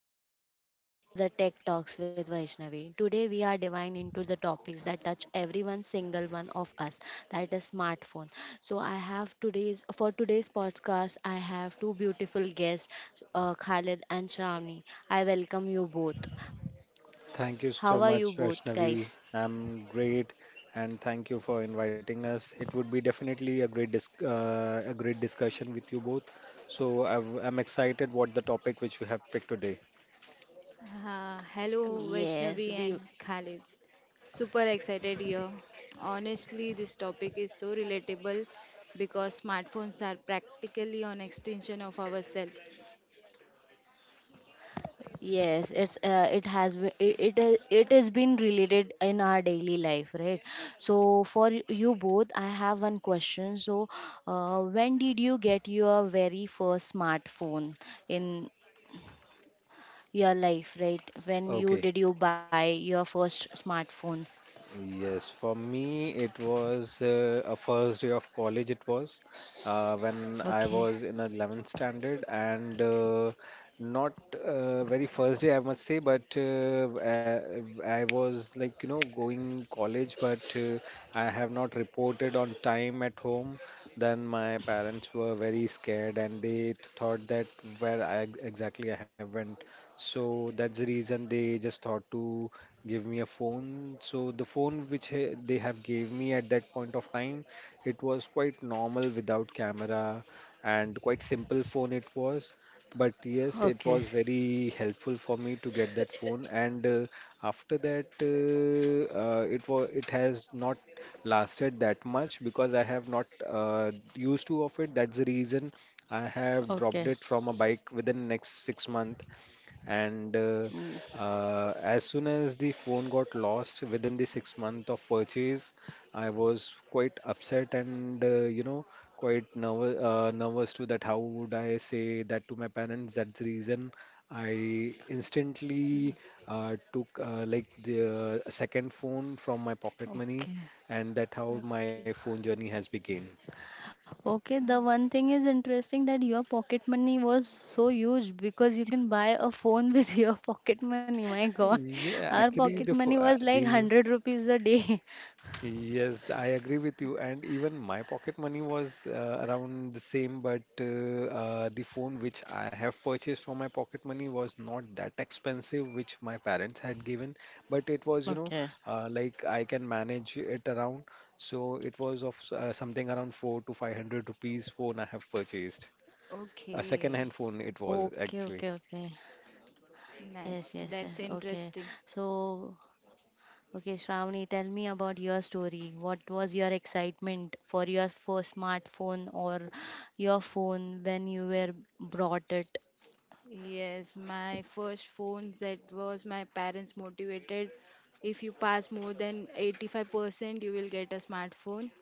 Hello and welcome to the Tech Talks with Vaishnavi. Today we are diving into the topics that touch everyone single one of us, that is smartphone. So I have today's for today's podcast I have two beautiful guests, Khalid and Shravani. I welcome you both. How are you both Thank you Uh, guys? so much, Vaishnavi. I'm great, and thank you for inviting us. It would be definitely a great dis a great discussion with you both. So I'm excited what the topic which we have picked today. Hello, Yes, we. Vaishnavi and Khalid. Super excited here. Honestly, this topic is so relatable because smartphones are practically an extension of ourselves. Yes, it's it has be- it it has been related in our daily life, right? So for you both, I have one question. So, when did you get your very first smartphone in your life, right? When you Okay. did you buy your first smartphone? Yes, for me it was a first day of college. It was when I Okay, was in 11th standard and not very first day I must say, but I was like you know going college, but I have not reported on time at home. Then my parents were very scared and they thought that where I exactly I have went. So that's the reason they just thought to give me a phone. So the phone which they have gave me at that point of time, it was quite normal without camera and quite simple phone it was. But yes, it okay, was very helpful for me to get that phone. And after that, it was it has not lasted that much because I have not used to of it. That's the reason I have dropped okay, it from a bike within next 6 month and uh, mm, uh, as soon as the phone got lost within the 6 month of purchase, I was quite upset and you know quite nervous to that. How would I say that to my parents? That's the reason I instantly took like the second phone from my pocket money, okay. and that how my Okay. phone journey has begun. Okay, Uh, the one thing is interesting that your pocket money was so huge because you can buy a phone with your pocket money. My God, Yeah, our pocket actually, Yes. the money pho- was like the 100 rupees a day. Yes, I agree with you. And even my pocket money was around the same, but the phone which I have purchased from my pocket money was not that expensive, which my parents had given. But it was, you know, Okay. Like I can manage it around. So it was of something around four to five hundred rupees phone I have purchased. A Okay, second-hand phone it Okay, was okay, okay. actually. Yes, yes, yes. nice. That's Okay. interesting. So, okay, Shravani, tell me about your story. What was your excitement for your first smartphone or your phone when you were brought it? Yes, my first phone that was my parents motivated. If you pass more than 85%, you will get a smartphone.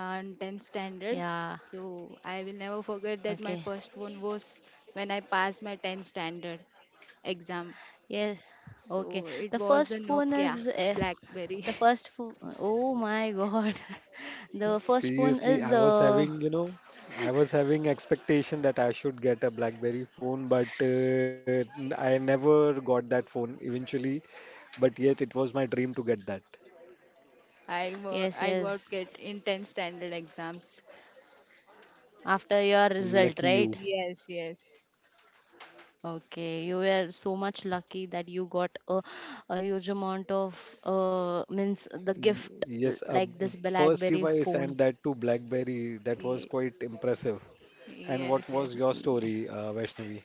And 10th standard. Yeah. So I will never forget Okay. that my first one was when I passed my 10th standard exam. Yes. So Okay. The it first was a phone Nokia is BlackBerry. the first phone. Oh my God, the first phone Seriously, is I was having, you know, I was having expectation that I should get a BlackBerry phone, but I never got that phone eventually. But yet, it was my dream to get that. Yes, I got yes. it in 10th standard exams. After your result, Lucky right? you. Yes, yes. Okay, you were so much lucky that you got a huge amount of means the gift, Yes, a like this first BlackBerry device phone. and that too BlackBerry. That was Ye- quite impressive. And Yes, what was yes. your story, Vaishnavi?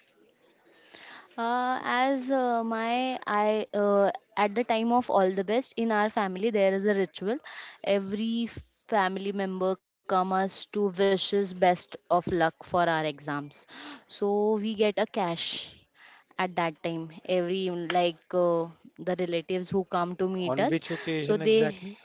As my I At the time of all the best in our family there is a ritual. Every family member comes to wishes best of luck for our exams. So we get a cash at that time. Every like the relatives who come to On meet us, which occasion so they exactly?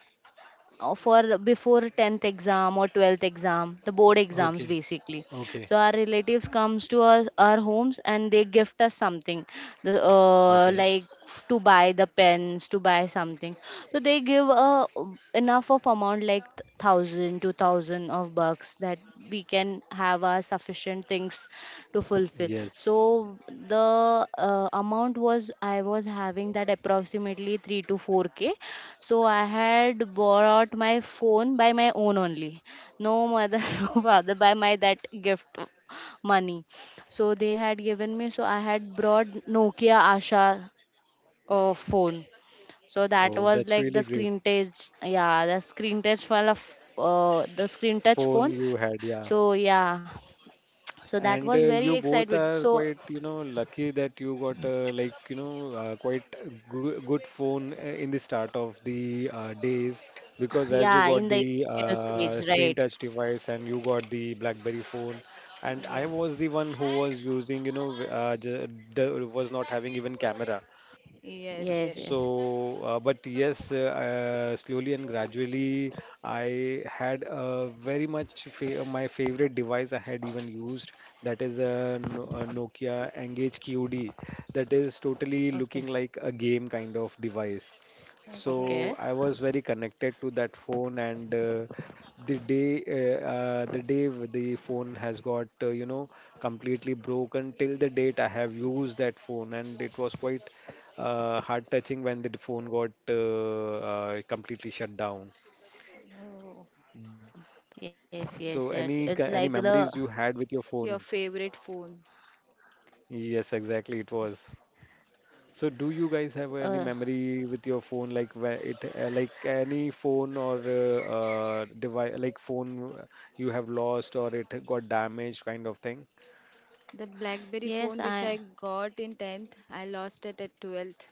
for before 10th exam or 12th exam, the board exams Okay, basically. okay, So our relatives comes to us our homes and they gift us something, the, okay. like to buy the pens to buy something. So they give enough of amount like thousand two thousand of bucks that we can have our sufficient things to fulfill. So Yes. the amount was I was having that approximately 3 to 4K. So I had borrowed my phone by my own only. No mother no father by my that gift money. So they had given me. So I had brought Nokia Asha phone. So that Oh, was that's like really the great. screen touch. Yeah, the screen touch full of the screen touch Phone phone. you had, So yeah. yeah, so that And was Great. very you both excited. are So quite, you know, lucky that you got like, you know, quite good, good phone in the start of the days because as you got yeah, in the the initial screen stage, touch right? device and you got the BlackBerry phone, and I Yes. was the one who was using, you know, w- j d was not having even camera. Yes, Yes, yes. yes. So, but yes, slowly and gradually, I had a very much fa my favorite device I had even used. That is a, No- a Nokia Engage QD. That is totally looking Okay, like a game kind of device. Okay. So I okay. was very connected to that phone, and the day the phone has got you know completely broken till the date I have used that phone, and it was quite heart touching when the phone got completely shut down. Oh. Yes, So yes, any yes. It's any like memories the, you had with your phone? Your favorite phone? Yes, exactly, it was. So, do you guys have any uh memory with your phone, like where it, like any phone or device, like phone you have lost or it got damaged, kind of thing? The BlackBerry phone yes, which I I, got in 10th, I lost it at 12th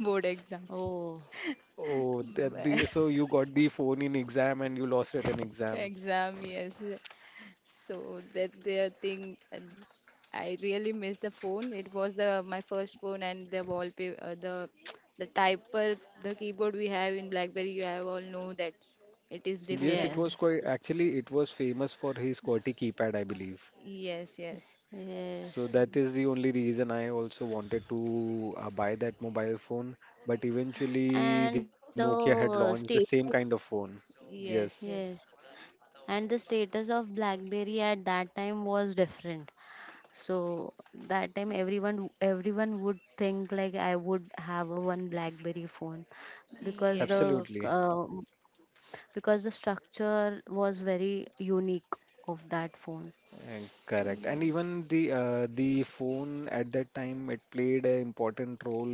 Board exams. oh, Oh, that the But- so you got the phone in exam and you lost it in exam. Exam. Yes. So that their thing, and I really miss the phone. It was the my first phone and the wallpaper, the typer, the keyboard we have in BlackBerry. You have all know that it is Yes, it different. was yes, quite actually it was famous for his QWERTY keypad, I believe. Yes. Yes. So So, that yes. is the only reason I also wanted to buy that mobile phone. But eventually, the And Nokia the, had launched the same status, kind of phone. Yes, yes. Yes. yes. And the status of BlackBerry at that time was different. So that time everyone would think like I would have a one BlackBerry phone because Yes. the absolutely. uh, because the structure was very unique of that phone. And correct. And even Yes. The phone at that time it played an important role.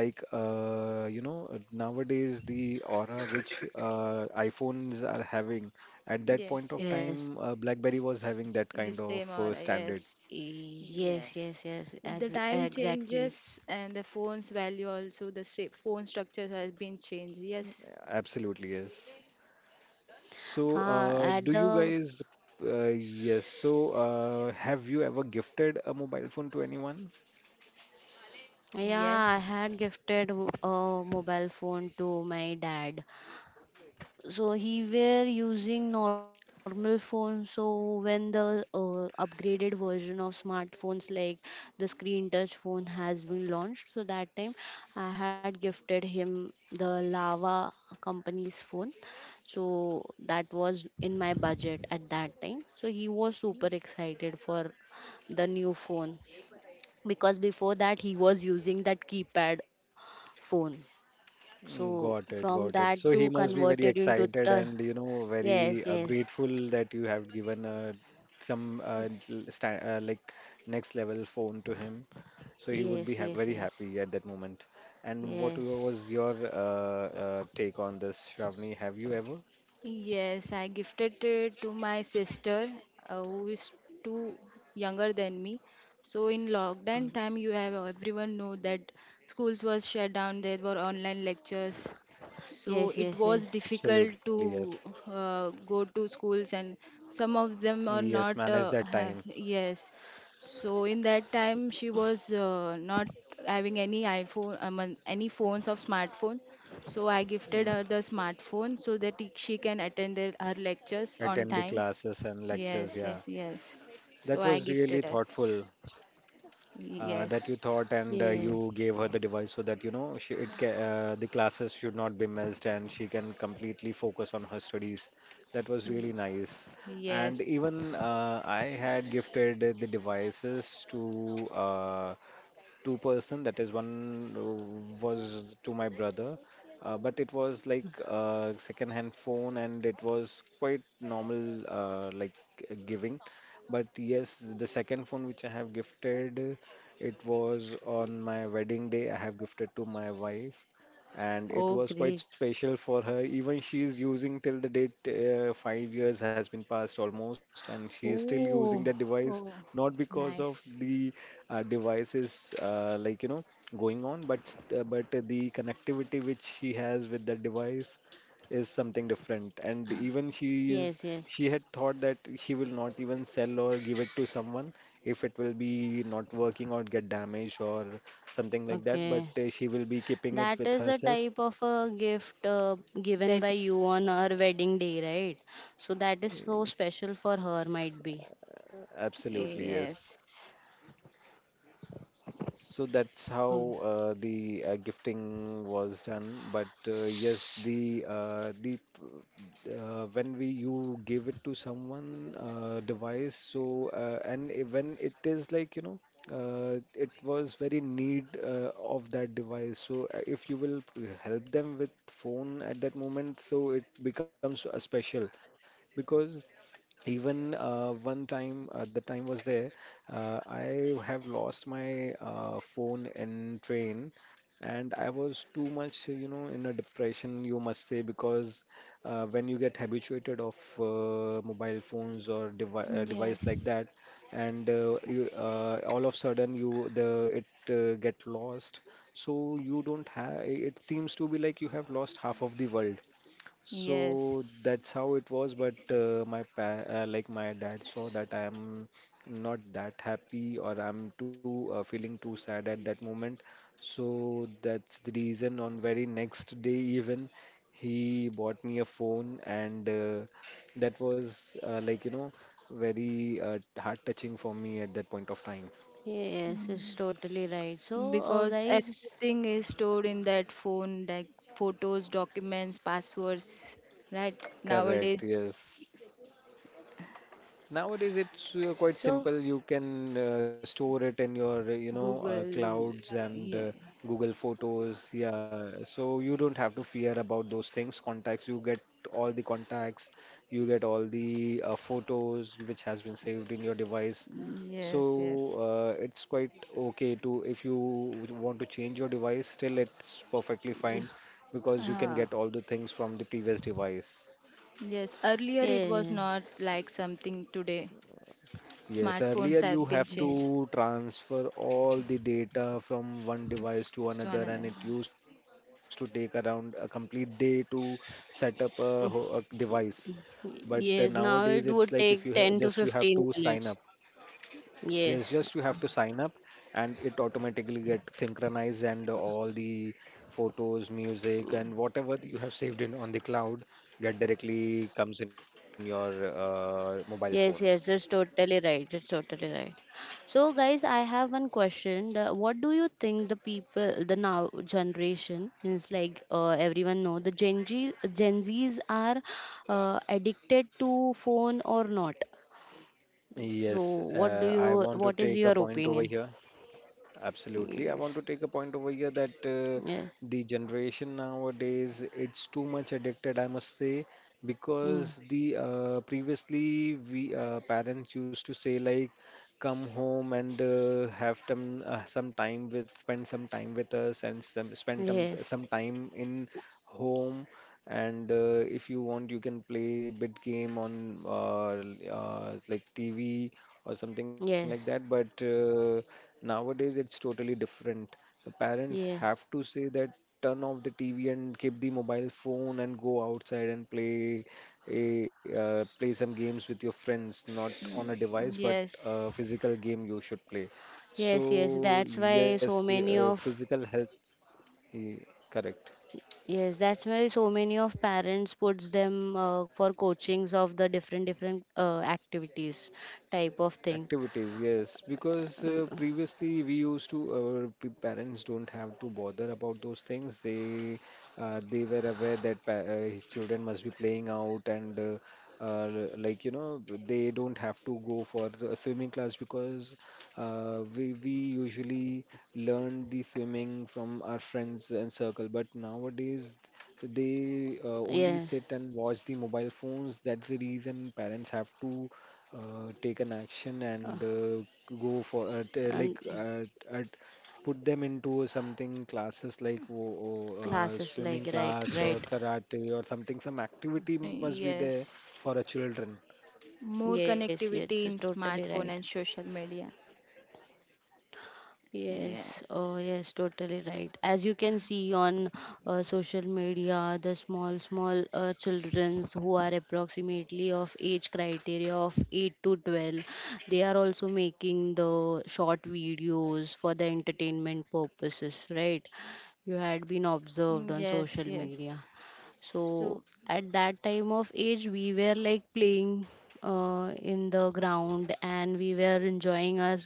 Like you know, nowadays the aura which iPhones are having at that point Yes. of Yes. Yes, time, BlackBerry was having that You kind of same aura, standard. yes. yes, Yes. yes, yes, The ex time exactly. changes and the phone's value also, the shape, phone structures has been changed. Yes. Absolutely, yes. So, At do you the guys? Uh, yes. So, have you ever gifted a mobile phone to anyone? Yeah, I Yes. had gifted a mobile phone to my dad, so he were using normal phone so when the upgraded version of smartphones like the screen touch phone has been launched, so that time I had gifted him the Lava company's phone. So that was in my budget at that time, so he was super excited for the new phone because before that he was using that keypad phone. Mm, So got it, from got it. that So he to must be very converted into excited the. and you know very Yes, yes. grateful that you have given like next level phone to him. So he would Yes, be ha yes, very yes. happy at that moment. And what Yes. was your take on this, Shravani? Have you ever? Yes, I gifted it to my sister, who is two younger than me. So in lockdown time, Okay. you have everyone know that schools was shut down. There were online lectures, so Yes, it yes, was yes. difficult Absolutely, yes. to go to schools, and some of them are Yes, not. manage that time. Yes, so in that time, she was not having any iPhone, any phones of smartphone. So I gifted Mm, her the smartphone so that it- she can attend the, her lectures on attend the time. classes and lectures. Yes, Yeah, yes, yes. So that I was really gifted her. thoughtful. Yes, That you thought and Yes. you gave her the device so that you know she it ca the classes should not be missed and she can completely focus on her studies. That was really nice. y- And yes. even I had gifted the devices to uh, two person, that is one was to my brother, but it was like a second hand phone and it was quite normal like giving. But yes, the second phone which I have gifted, it was on my wedding day I have gifted to my wife, and it Oh, was quite great. special for her. Even she is using till the date, 5 years has been passed almost and she is still using the Oh, device, Oh, not because of nice. the device like you know going on, but the connectivity which she has with that device is something different. And even yes, yes. she had thought that she will not even sell or give it to someone if it will be not working or get damaged or something like that, but Okay. She will be keeping it That with is a herself. type of a gift given That by you on her wedding day, right? So that is so special for her, might be. Absolutely, yes. yes, So that's Oh, how the gifting was done. But yes, when we you give it to someone device. So when it is like you know it was very need of that device. So if you will help them with phone at that moment, so it becomes a special. Because even one time, the time was there, I have lost my phone in train, and I was too much, you know, in a depression, you must say, because when you get habituated of mobile phones or device like Yes. that, and all of sudden you the it get lost, so you don't have. It seems to be like you have lost half of the world. So yes. that's how it was, but my pa like my dad saw that I am not that happy or I'm too feeling too sad at that moment. So that's the reason on very next day even he bought me a phone, and that was like you know very heart touching for me at that point of time. Mm, yes, it's totally right. So, because guys, everything is stored in that phone like photos documents passwords right Correct, nowadays yes. Nowadays, it's quite so, simple. You can store it in your, you know, google clouds and yeah. Google Photos. Yeah, so you don't have to fear about those things. Contacts, you get all the contacts, you get all the photos which has been saved in your device. Yes, yes. So it's quite okay to if you want to change your device, still it's perfectly fine because you can Ah, get all the things from the previous device. yes, earlier it was not yeah, like something today. Yes, earlier Smartphones you have been have changed to transfer all the data from one device to to another, another. and it used to take around a complete day to set up a device. But nowadays, Mm, it's like yes, if you now it just you would have to take 10 sign to up. 15 minutes. Yes, just you have to sign Yes, up, and it automatically get synchronized, and all the photos, music, and whatever you have saved in on the cloud get directly comes in your mobile phone. yes, yes, that's totally right. That's totally right. So, guys, I have one question. What do you think the people, the now generation, means like everyone know the Gen Z, Gen Zs are addicted to phone or not? So, Yes, what do I you, want to what is take your a point over opinion? here. Absolutely. I want to Yes, take a point over here that yes, the generation nowadays it's too much addicted, I must say, mm, because the previously we parents used to say like come home and have some time with spend some time with us and some spend yes, some time in home, and if you want you can play a bit game on like TV or something like that, but yes, nowadays it's totally different. The parents yeah, have to say that turn off the TV and keep the mobile phone and go outside and play a play some games with your friends, not on a device, mm. but a Yes, physical game you should play. yes, yes. So That's why yes, so many of physical health, eh, correct. Yes, that's why so many of parents puts them for coachings of the different different activities type of thing. Activities, yes, because Uh, previously we used to, our parents don't have to bother about those things. They were aware that pa his children must be playing out and uh, like you know they don't have to go for a swimming class because we usually learn the swimming from our friends and circle. But nowadays yes, they only sit and watch the mobile phones. That's the reason parents have to take an action and go for and t- like uh, put them into something classes like classes like swimming right, class right. or karate or something. Some activity must be there for yes. a children. More Yes, yes, it's connectivity in totally right. smartphone and social media. Yes, oh Yes. yes, totally right. As you can see on social media, the small, small childrens who are approximately of age criteria of 8 to 12, they are also making the short videos for the entertainment purposes, right? You had been Mm, observed on social Yes, yes. media. So So at that time of age, we were like playing in the ground and we were enjoying our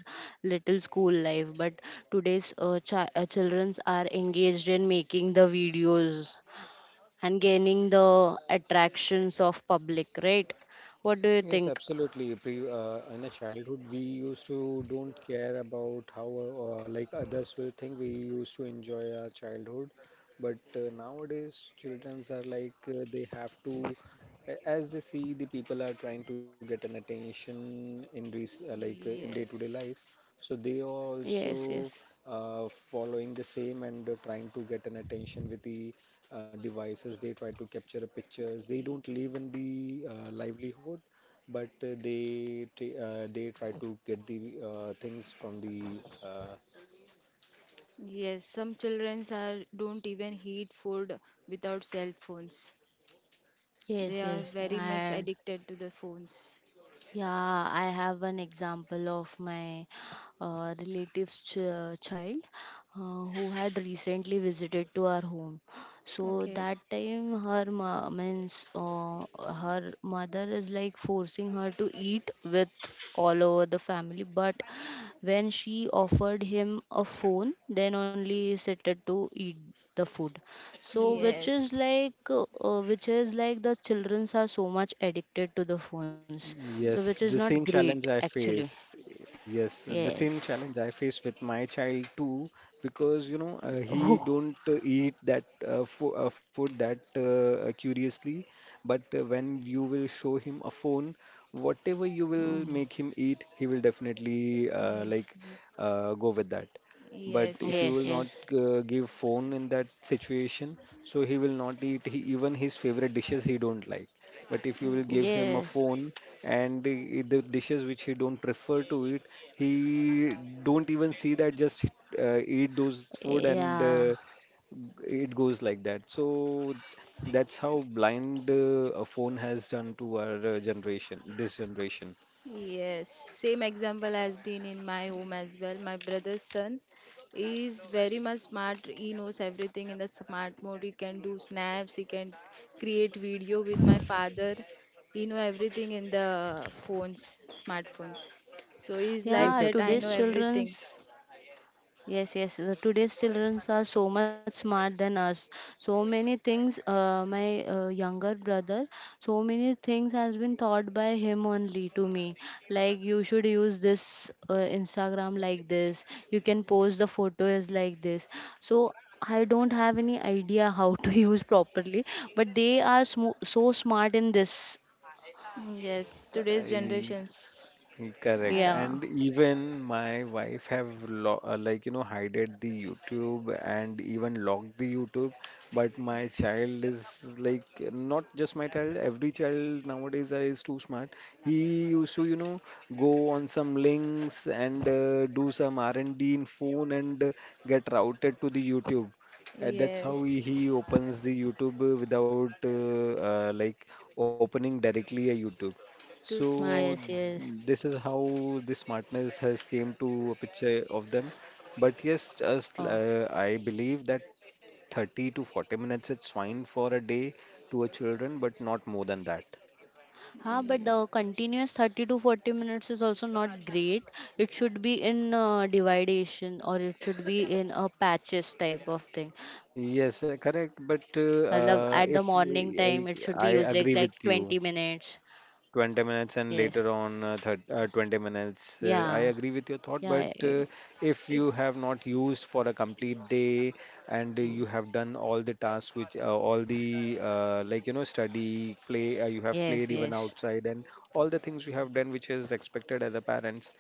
little school life. But today's childrens are engaged in making the videos and gaining the attractions of public, right? What do you Yes, think? absolutely. In a childhood, we used to don't care about how like others will think. We used to enjoy our childhood, but nowadays, childrens are like they have to, as they see the people are trying to get an attention in this in day-to-day life, yes, so they are Yes, yes. also following the same and trying to get an attention with the devices. They try to capture pictures. They y- don't live in the livelihood, but they try to get the things from the uh, yes. Some children are don't even eat food without cell phones. They Yes, are yes. very much And addicted to the phones. Yeah, I have an example of my relative's child, who had recently visited to our home. So Okay. that time, her ma- means her mother is like forcing her to eat with all over the family. But when she offered him a phone, then only he started to eat the food. So, which is Yes, like, uh, uh, which is like the childrens are so much addicted to the phones. So, which is Yes, not the same great challenge I actually. face. Yes, the same Yes. challenge I face with my child too, because Oh. he don't eat that fo food that curiously, but when you will show him a phone, whatever you will Mm. make him eat, he will definitely y- go with that. But yes, if yes. you Yes. will not Yes. Give phone in that situation, so he will not eat. Even his favorite dishes he don't like. But if you Mm. will give him a Yes. phone and the dishes which he don't prefer to eat, he don't even see that. Just eat those food and Yeah. It goes like that. So that's how blind a phone has done to our generation, this generation. Yes, same example has been in my home as well. My brother's son is very much smart. He knows everything in the smart mode. He can do snaps. He can create video with my father. He know everything in the phones, smartphones. So he's Yeah. like Yes. Today's that. I know childrens. everything. Yes, yes. Today's children are so much smart than us. So many things, my younger brother, so many things has been taught by him only to me. Like you should use this Instagram like this. You can post the photos like this. So I don't have any idea how to use properly, but they are smo so smart in this. Yes, today's I, generations. Uh, Correct. Yeah. And even my wife have lo like you know hided the YouTube and even locked the YouTube. But my child is like not just my child. Every child nowadays is too smart. He used to go on some links and do some R&D in phone and get routed to the YouTube. That's yes, how he opens the YouTube without opening directly a YouTube. So too smart. Yes, yes. this is how this smartness has came to a picture of them. But yes, just Oh. I believe that 30 to 40 minutes it's fine for a day to a children, but not more than that. Huh, but the Yes, continuous 30 to 40 minutes is also not great. It should be in dividation or it should be in a patches type of thing. Matlab, Yes, at the correct. morning But time, it should be if used like we- 20 I agree minutes. with you. 20 Yes. minutes and later on thir 20 minutes. Yeah. I agree with your Yeah. thought, but if it. you have not used for a complete day and you have done all the tasks which all the study, play, you have Yes. played even Yes. outside and all the things you have done which is expected as a parents,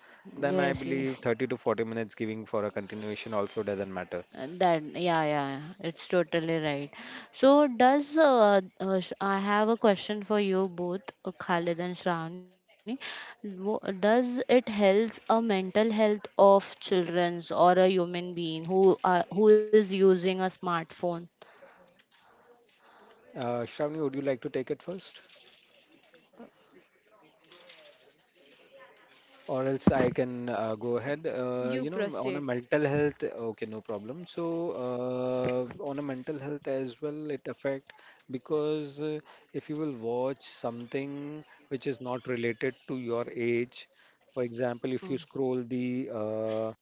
then I Yes. believe Yes. 30 to 40 minutes giving for a continuation also doesn't matter. That Yeah, yeah, yeah, it's totally right. I have a question for you both, Khalid and Shravani. Does it helps a mental health of childrens or a human being who is using a smartphone? Shravani, would you like to take it first? Or else I can go ahead. You On a proceed. mental health, okay, no problem. So, on a mental health as well, it affect because if you will watch something which is not related to your age, for example, if you Mm. scroll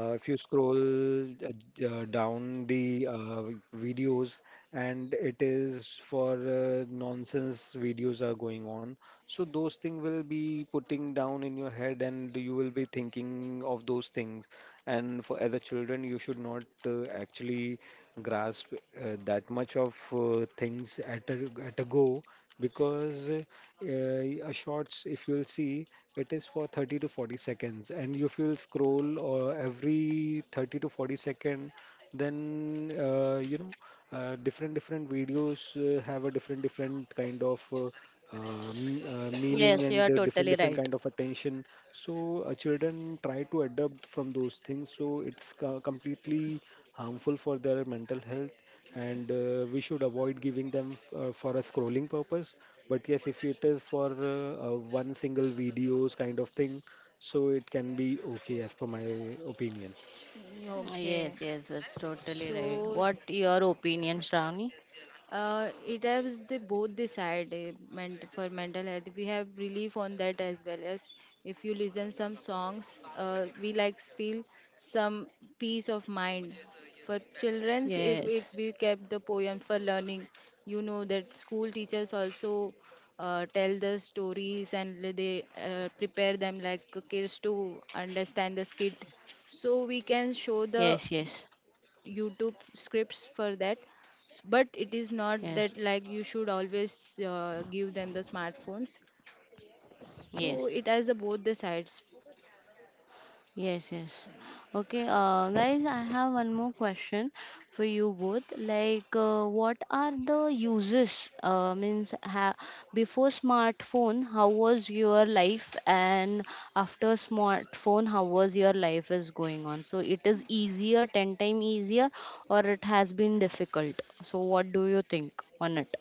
uh, if you scroll down the videos, and it is for nonsense videos are going on. So those things will be putting down in your head, and you will be thinking of those things. And for other children, you should not actually grasp that much of things at a go because a shorts if you'll see it is for 30 to 40 seconds, and if you'll scroll or every 30 to 40 second, then different different videos have a different different kind of meaning Yes, you and are different totally different kind right. of attention, so children try to adapt from those things, so it's completely harmful for their mental health, and we should avoid giving them for a scrolling purpose. But yes, if it is for one single videos kind of thing, so it can be okay as per my opinion. Okay. Yes, yes, that's totally right. So What your opinion, Shravani? It helps the both the side for mental health we have relief on that as well as if you listen some songs we like feel some peace of mind for children's if it Yes, we kept the poem for learning you know that school teachers also tell the stories and they prepare them like kids to understand the skit so we can show yes, the yes, YouTube scripts for that. But it is yes, not that like you should always give them the smartphones. So yes. it has the, both the sides. Yes, yes. Okay, guys, I have one more question for you both. Like, what are the uses? Before smartphone, how was your life, and after smartphone, how was your life is going on? So, it is easier, ten times easier, or it has been difficult. So, what do you think on it?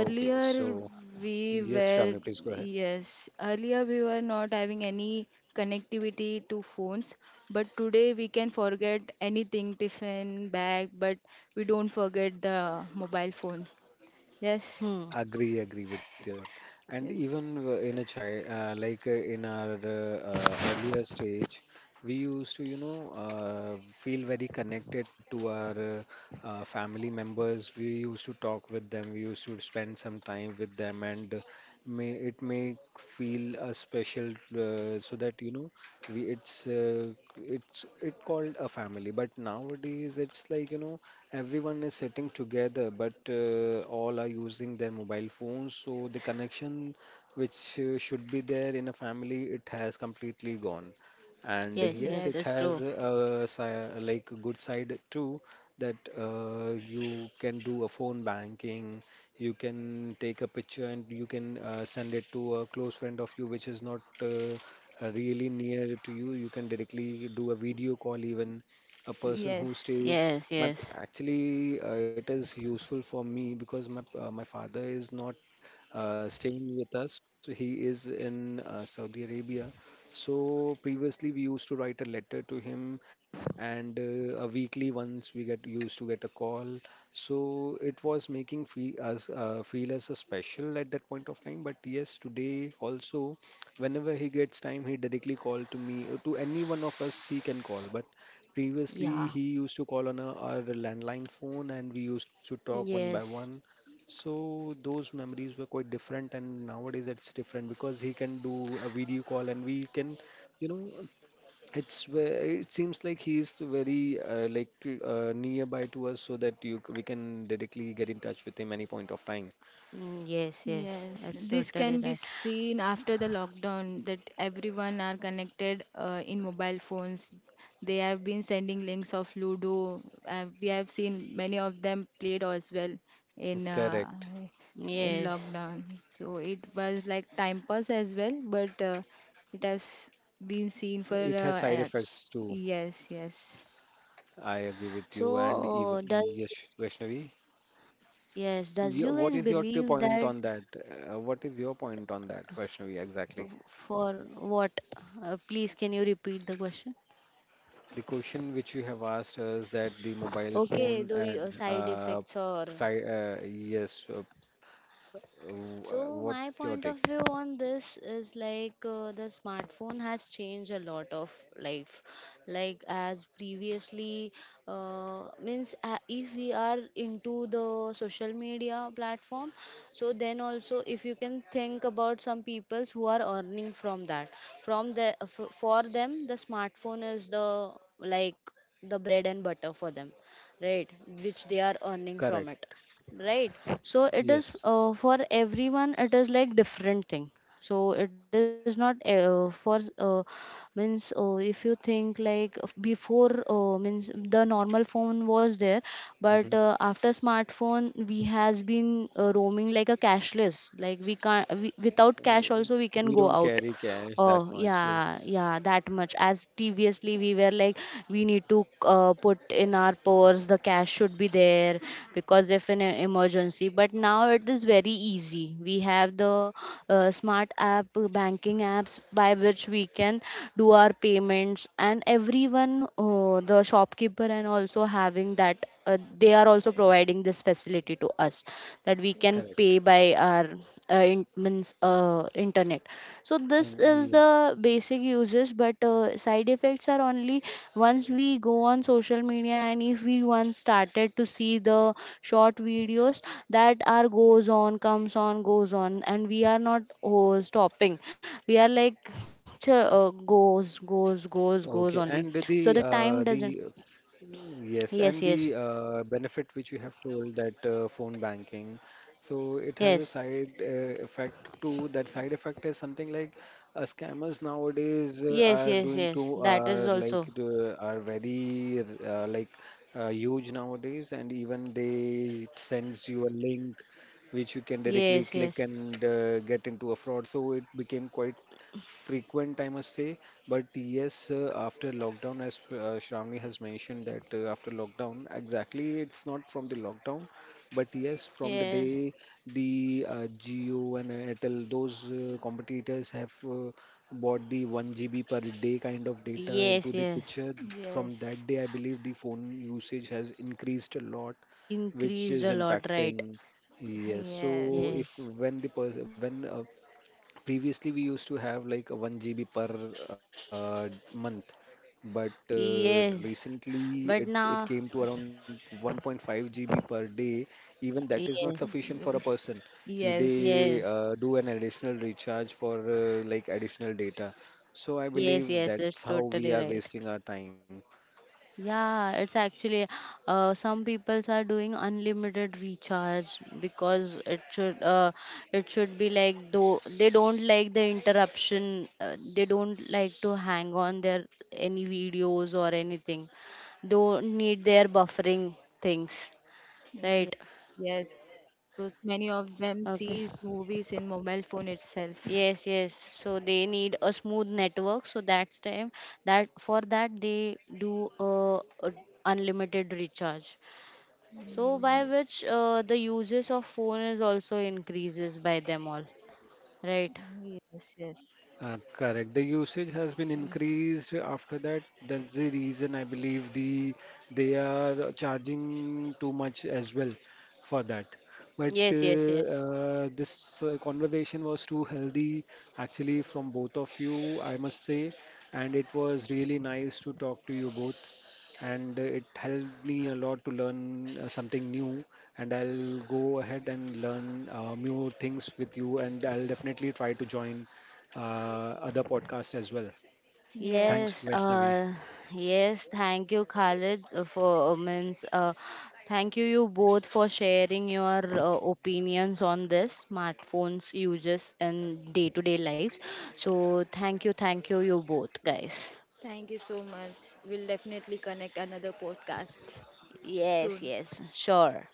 Okay, so we yes, were Shravani, please go ahead. yes, earlier we were not having any connectivity to phones, but today we can forget anything, tiffin, bag, but we don't forget the mobile phone. Yes, Hmm. Agree with your thought. And yes, even in a child, in our earlier stage, we used to, feel very connected to our family members. We used to talk with them. We used to spend some time with them, and may it make feel a special, so that we it's it called a family. But nowadays, it's like everyone is sitting together, but all are using their mobile phones, so the connection which should be there in a family, it has completely gone. And Yes, yes, yes, it it's has yes, true. a like a good side too, that you can do a phone banking, you can take a picture, and you can send it to a close friend of you which is not really near to you. You can directly do a video call even a person who yes. stays Yes, my yes. actually, it is useful for me because my father is not staying with us. He is in Saudi Arabia. So previously we used to write a letter to him, and a weekly once we get used to get a call. So it was making feel us feel as a special at that point of time. But yes, today also, whenever he gets time, he directly call to me or to any one of us he can call. But previously, Yeah. he used to call on a our landline phone, and we used to talk one by Yes. one. So those memories were quite different, and nowadays it's different because he can do a video call, and we can, you know, it seems like he is very nearby to us so that we can directly get in touch with him any point of time. Mm, yes, yes, Yes, that's this totally can be right. seen after the lockdown that everyone are connected in mobile phones. They have been sending links of Ludo. We have seen many of them played as well in uh, Correct. in Yes. lockdown. So it was like time pass as well, but it has been seen for It has side effects too. yes, yes, I agree with you. And So, even does, yes, Vaishnavi. yes, does you guys What is your believe that point on that? What is your point on that, Vaishnavi, exactly? For what? Please, can you repeat the question? The question which you have asked us, that the mobile Okay, phone the and side effects or. side, yes, So what my your point of take? view on this is like the smartphone has changed a lot of life. Like as previously, means if we are into the social media platform, so then also if you can think about some peoples who are earning from that, for them the smartphone is the, like the bread and butter for them, right? Which they are earning from Correct. it, right, so it is Yes. For everyone it is like different thing, so it is not for means if you think like before means the normal phone was there, hmm but after smartphone we has been roaming like a cashless, like we, without cash Uh, also we We can go don't out. carry cash that Oh, much. yeah, Yes. yeah, that much. As previously, we were like, we need to put in our purse, the cash should be there because if in an emergency. But now it is very easy. We have the smart app, banking apps by which we can do our payments, and everyone, the shopkeeper, and also having that they are also providing this facility to us that we can pay Correct. by our in, means internet. So this And is yes. the basic uses but side effects are only once we go on social media and if we once started to see the short videos that are goes on comes on goes on and we are not, oh, stopping, we are like goes goes goes goes Okay, only. and So the time doesn't, yes, and yes, the yes, benefit which you have told that phone banking, so it has a yes. side effect too. That side effect is something like scammers nowadays Yes, are yes, doing yes. too That is are also. Are very huge nowadays, and even they sends you a link which you can directly Yes, click yes. and get into a fraud. So it became quite frequent, I must say. But yes, after lockdown, as Shravani has mentioned, that after lockdown, exactly, it's not from the lockdown, but yes, from the Yes. day the Jio and Airtel, those competitors have bought the 1 GB per day kind of data into the Yes, yes. picture. From yes, that day, I believe the phone usage has increased a lot, which is Increased a lot, impacting. right? Yes, so if yes, Yes. when the person when previously, we used to have like a 1 GB per month, but Yes. recently But it came now, to around 1.5 GB per day. Even that is not yes. sufficient for a person. Yes. They Yes. Do an additional recharge for additional data. So I Yes, believe yes. That's that's how we totally are right. wasting our time. Yeah, it's actually some peoples are doing unlimited recharge because it should be like though they don't like the interruption, they don't like to hang on their any videos or anything, don't need their buffering things, Yes, right, yes. So many of them okay, sees movies in mobile phone itself. yes, yes, so they need a smooth network, so that's time that for that they do a unlimited recharge. So by which the uses of phone is also increases by them all, right? Yes, yes. Correct. The usage has Mm. been increased after that. That's the reason I believe they are charging too much as well for that. But Yes, yes, yes. This conversation was too healthy, actually, from both of you, I must say, and it was really nice to talk to you both, and it helped me a lot to learn something new. And I'll go ahead and learn new things with you, and I'll definitely try to join other podcast as well. Thanks, Yes, Yes. Vaishnavi. Yes, thank you, Khalid, thank you both for sharing your opinions on this smartphones uses in day-to-day lives. So thank you, you both guys. Thank you so much. We'll definitely connect another podcast Yes, soon. yes, sure.